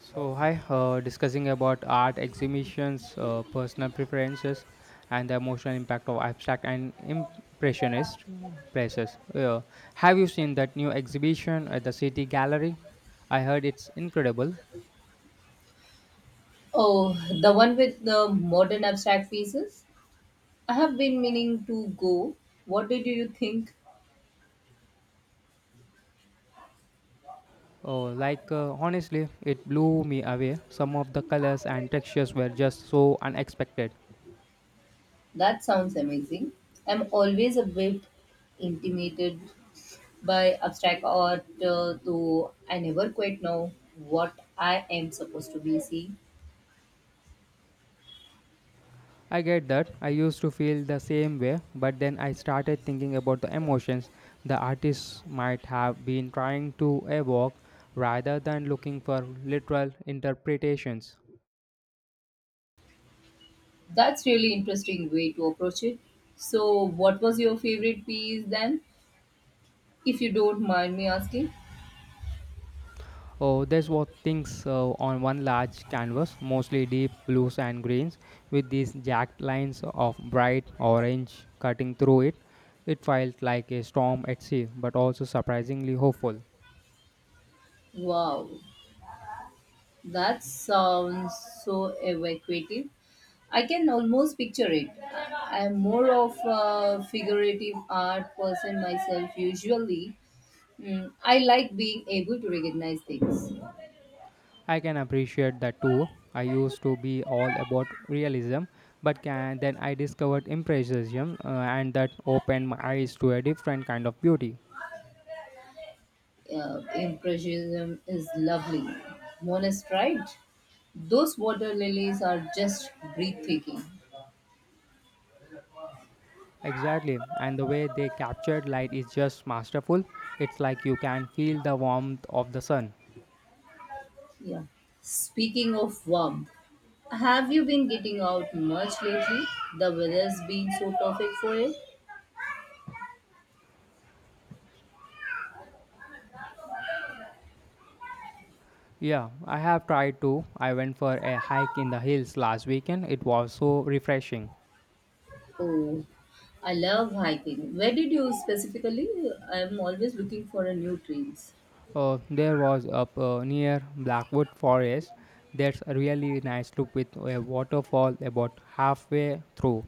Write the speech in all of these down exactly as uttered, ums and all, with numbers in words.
So hi, uh, discussing about art exhibitions, uh, personal preferences, and the emotional impact of abstract and impressionist uh, places. Uh, have you seen that new exhibition at the City Gallery? I heard it's incredible. Oh, the one with the modern abstract pieces? I have been meaning to go. What did you think? Oh, like uh, honestly, it blew me away. Some of the colors and textures were just so unexpected. That sounds amazing. I'm always a bit intimidated by abstract art, uh, though I never quite know what I am supposed to be seeing. I get that. I used to feel the same way, but then I started thinking about the emotions the artist might have been trying to evoke rather than looking for literal interpretations. That's really interesting way to approach it. So, what was your favorite piece then, if you don't mind me asking? Oh, there's what things uh, on one large canvas, mostly deep blues and greens, with these jagged lines of bright orange cutting through it. It felt like a storm at sea, but also surprisingly hopeful. Wow, that sounds so evocative. I can almost picture it. I- I'm more of a figurative art person myself, usually. Mm, I like being able to recognize things. I can appreciate that too. I used to be all about realism, but can, then I discovered impressionism, uh, and that opened my eyes to a different kind of beauty. Uh, impressionism is lovely. Monet, pride. Those water lilies are just breathtaking. Exactly, and the way they captured light is just masterful. It's like you can feel the warmth of the sun. Yeah. Speaking of warmth, have you been getting out much lately? The weather's been so perfect for it. Yeah, I have tried to. I went for a hike in the hills last weekend. It was so refreshing. Oh, I love hiking. Where did you specifically? I'm always looking for a new trails. Uh, there was up uh, near Blackwood Forest. That's a really nice loop with a waterfall about halfway through.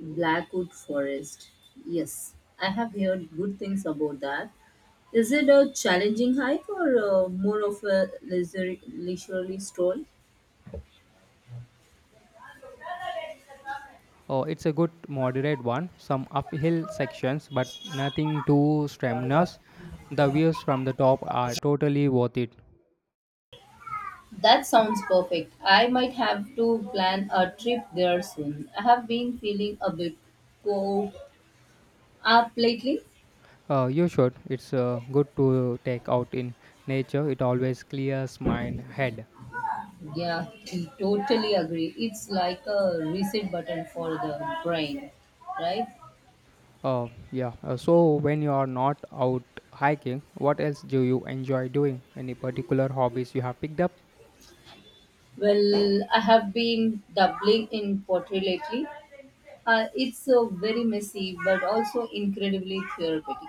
Blackwood Forest. Yes, I have heard good things about that. Is it a challenging hike or uh, more of a leisure, leisurely stroll? Uh, it's a good moderate one, some uphill sections, but nothing too strenuous. The views from the top are totally worth it. That sounds perfect. I might have to plan a trip there soon. I have been feeling a bit cooped up lately. Uh, you should. It's uh, good to take out in nature. It always clears my head. Yeah, I totally agree. It's like a reset button for the brain, right? Oh, yeah. Uh, so, when you are not out hiking, what else do you enjoy doing? Any particular hobbies you have picked up? Well, I have been doubling in pottery lately. Uh, it's uh, very messy but also incredibly therapeutic.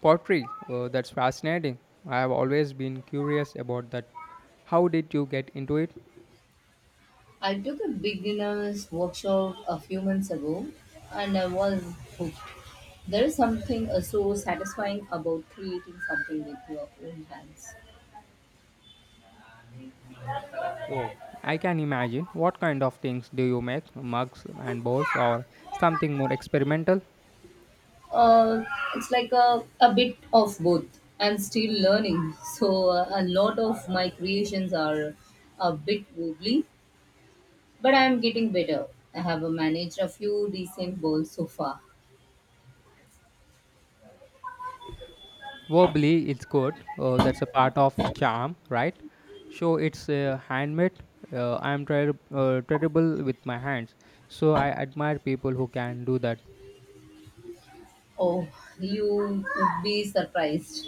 Pottery. Uh, that's fascinating. I have always been curious about that. How did you get into it? I took a beginner's workshop a few months ago and I was hooked. There is something uh, so satisfying about creating something with your own hands. Oh, I can imagine. What kind of things do you make? Mugs and bowls, or something more experimental? uh, it's like a, a bit of both. I'm still learning, so uh, a lot of my creations are a bit wobbly, but I'm getting better. I have uh, managed a few decent balls so far. Verbally, it's good. Uh, that's a part of charm, right? So it's uh, handmade. Uh, I'm ter- uh, terrible with my hands, so I admire people who can do that. Oh, you would be surprised.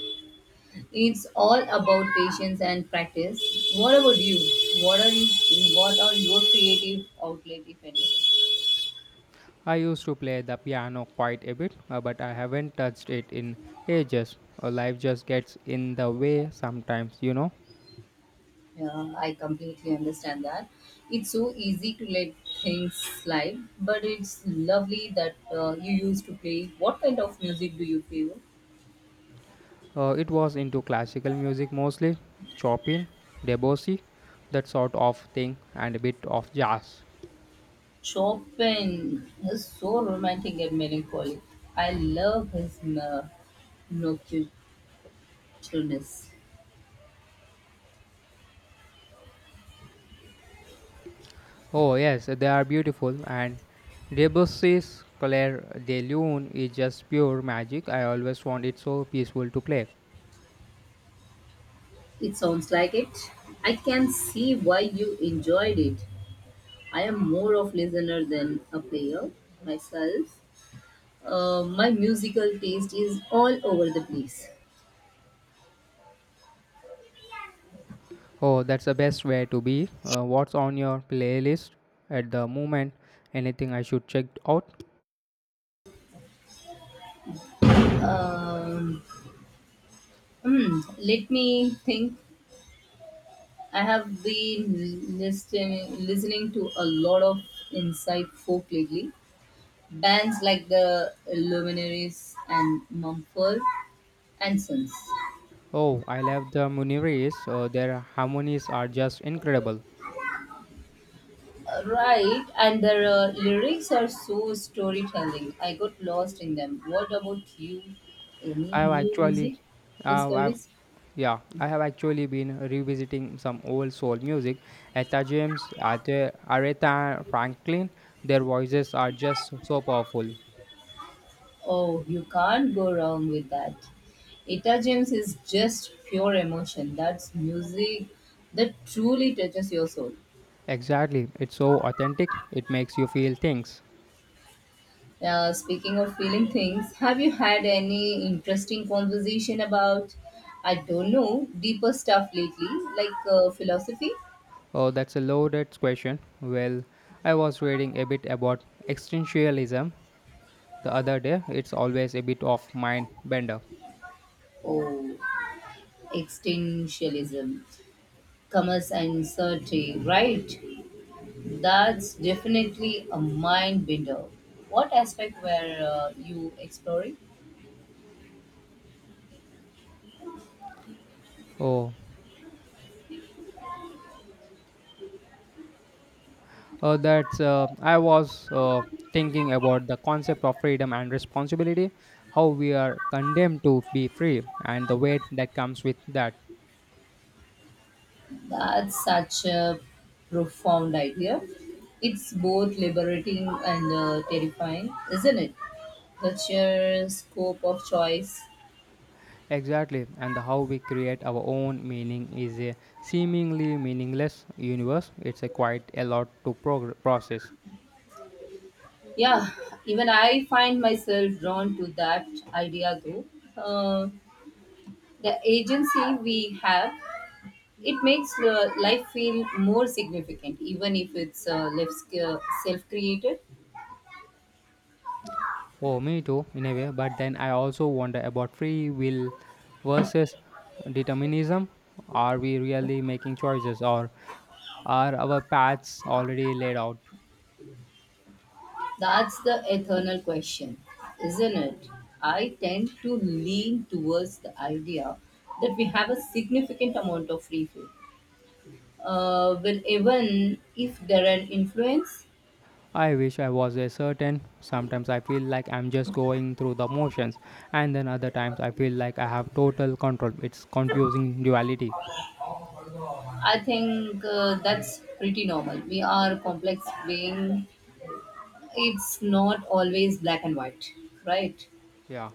It's all about patience and practice. What about you? What are you? What are your creative outlet, if any? I used to play the piano quite a bit, uh, but I haven't touched it in ages. Uh, life just gets in the way sometimes, you know. Yeah, I completely understand that. It's so easy to let things slide, but it's lovely that uh, you used to play. What kind of music do you play? Uh, it was into classical music mostly, Chopin, Debussy, that sort of thing, and a bit of jazz. Chopin is so romantic and melancholy. I love his uh, nocturnes. Oh, yes, they are beautiful. And Debussy's Clair de Lune is just pure magic. I always want it so peaceful to play. It sounds like it. I can see why you enjoyed it. I am more of listener than a player myself. Uh, my musical taste is all over the place. Oh, that's the best way to be. Uh, what's on your playlist at the moment? Anything I should check out? Um, hmm, Let me think. I have been listening listening to a lot of inside folk lately. Bands like the Luminaries and Mumford and Sons. Oh, I love the Muniris. Uh, their harmonies are just incredible. Right, and their uh, lyrics are so storytelling. I got lost in them. What about you? Any I've new actually, music uh, I've discoveries? Yeah, I have actually been revisiting some old soul music. Etta James, Ate- Aretha Franklin, their voices are just so powerful. Oh, you can't go wrong with that. Etta James is just pure emotion. That's music that truly touches your soul. Exactly, it's so authentic, it makes you feel things. Uh, speaking of feeling things, have you had any interesting conversation about, I don't know, deeper stuff lately, like uh, philosophy Oh, that's a loaded question. Well, I was reading a bit about existentialism the other day, it's always a bit of mind bender. or extinctionism, commerce and certainty, right? That's definitely a mind bender. What aspect were uh, you exploring? Oh, Uh, that's uh, I was uh, thinking about the concept of freedom and responsibility, how we are condemned to be free, and the weight that comes with that. That's such a profound idea. It's both liberating and uh, terrifying, isn't it? The sheer scope of choice. Exactly, and the how we create our own meaning is a seemingly meaningless universe. It's a quite a lot to prog- process. Yeah, even I find myself drawn to that idea though. Uh, the agency we have, it makes uh, life feel more significant, even if it's uh, self created. Oh, me too, in a way. But then I also wonder about free will versus determinism. Are we really making choices, or are our paths already laid out? That's the eternal question, isn't it? I tend to lean towards the idea that we have a significant amount of free food. Uh, well, even if there are influence, I wish I was a certain. Sometimes I feel like I'm just going through the motions, and then other times I feel like I have total control. It's confusing duality. I think uh, that's pretty normal. We are complex being. It's not always black and white, right? Yeah.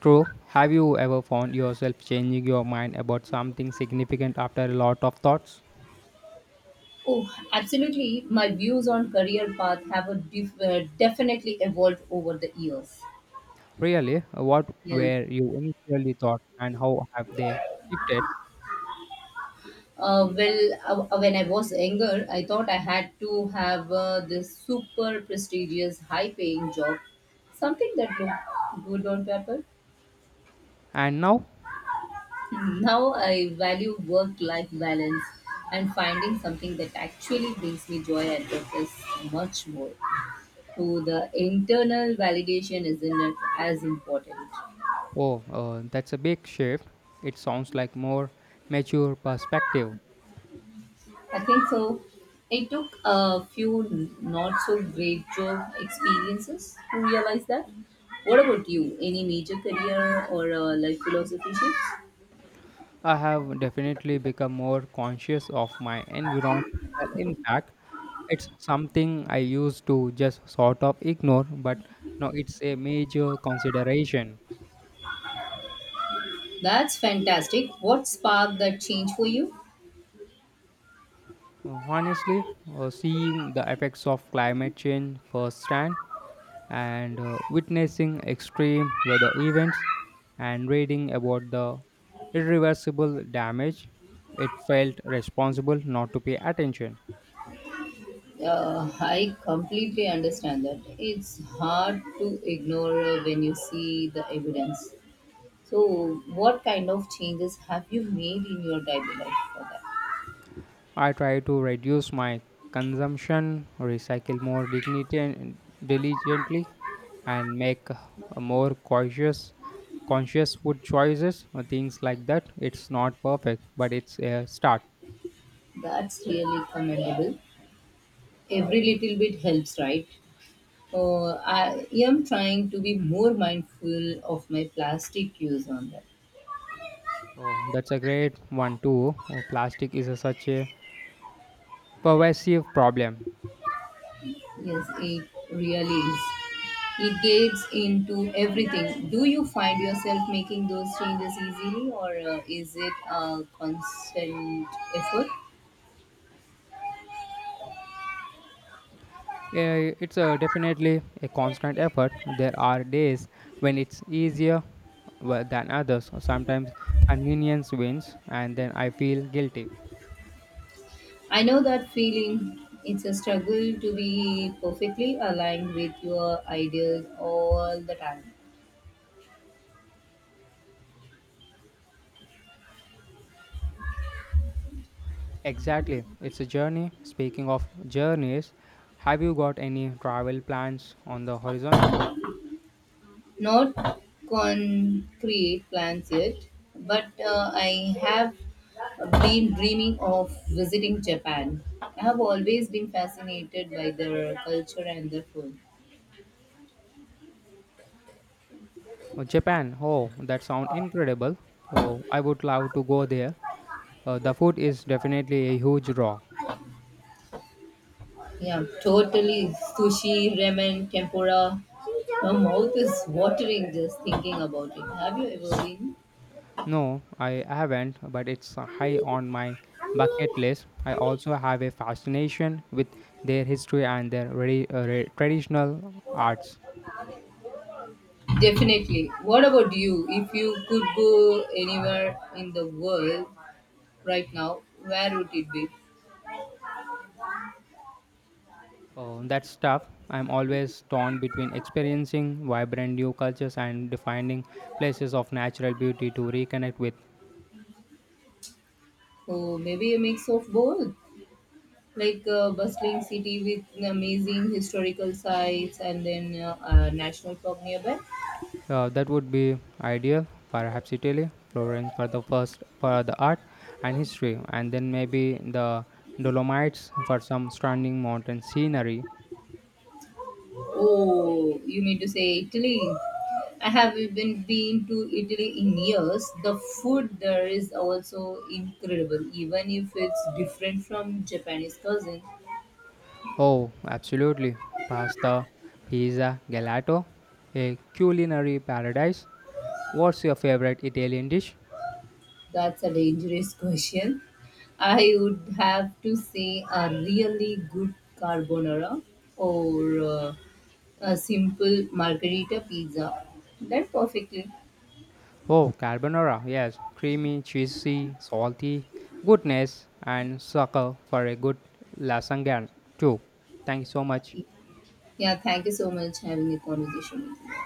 True. Have you ever found yourself changing your mind about something significant after a lot of thoughts? Oh, absolutely. My views on career path have a def- uh, definitely evolved over the years. Really, what Yeah. were you initially thought and how have they shifted? Uh, well, uh, uh, when I was younger, I thought I had to have uh, this super prestigious, high paying job, something that looked good on paper. And now, Now I value work life balance and finding something that actually brings me joy and purpose much more. So the internal validation isn't as important. oh, uh, that's a big shift. It sounds like more mature perspective. I think so. It took a few not so great job experiences to realize that. What about you? Any major career or uh, life philosophy shifts? I have definitely become more conscious of my environmental impact. It's something I used to just sort of ignore, but now it's a major consideration. That's fantastic. What sparked that change for you? Honestly, uh, seeing the effects of climate change firsthand and uh, witnessing extreme weather events and reading about the irreversible damage, it felt responsible not to pay attention. Uh, I completely understand that. It's hard to ignore uh, when you see the evidence. So, what kind of changes have you made in your daily life for that? I try to reduce my consumption, recycle more dignity and diligently, and make a more conscious, conscious food choices or things like that. It's not perfect, but it's a start. That's really commendable. Every little bit helps, right? Uh, I am trying to be more mindful of my plastic use on that. Oh, that's a great one too. Oh, plastic is a, such a pervasive problem. Yes, it really is. It gets into everything. Do you find yourself making those changes easily, or uh, is it a constant effort? Yeah, it's a, definitely a constant effort. There are days when it's easier well, than others. Sometimes convenience wins, and then I feel guilty. I know that feeling. It's a struggle to be perfectly aligned with your ideals all the time. Exactly. It's a journey. Speaking of journeys, have you got any travel plans on the horizon? Not concrete plans yet, but uh, I have been dreaming of visiting Japan. I have always been fascinated by their culture and their food. Oh, Japan. Oh, that sounds incredible. Oh, I would love to go there. Uh, the food is definitely a huge draw. Yeah, totally. Sushi, ramen, tempura. My mouth is watering just thinking about it. Have you ever been? No, I haven't, but it's high on my bucket list. I also have a fascination with their history and their re- uh, re- traditional arts. Definitely. What about you? If you could go anywhere in the world right now, where would it be? Oh, that's tough. I'm always torn between experiencing vibrant new cultures and defining places of natural beauty to reconnect with. Oh, maybe a mix of both. Like a bustling city with amazing historical sites and then uh, a national park nearby. Uh, that would be ideal, perhaps Italy, Florence for the first for the art and history, and then maybe the Dolomites for some stunning mountain scenery. Oh, you mean to say Italy? I haven't been been to Italy in years. The food there is also incredible, even if it's different from Japanese cuisine. Oh, absolutely. Pasta, pizza, gelato, a culinary paradise. What's your favorite Italian dish? That's a dangerous question. I would have to say a really good carbonara or uh, a simple margherita pizza. That perfectly. Oh, carbonara, yes. Creamy, cheesy, salty, goodness, and sucker for a good lasagna, too. Thank you so much. Yeah, thank you so much having a conversation with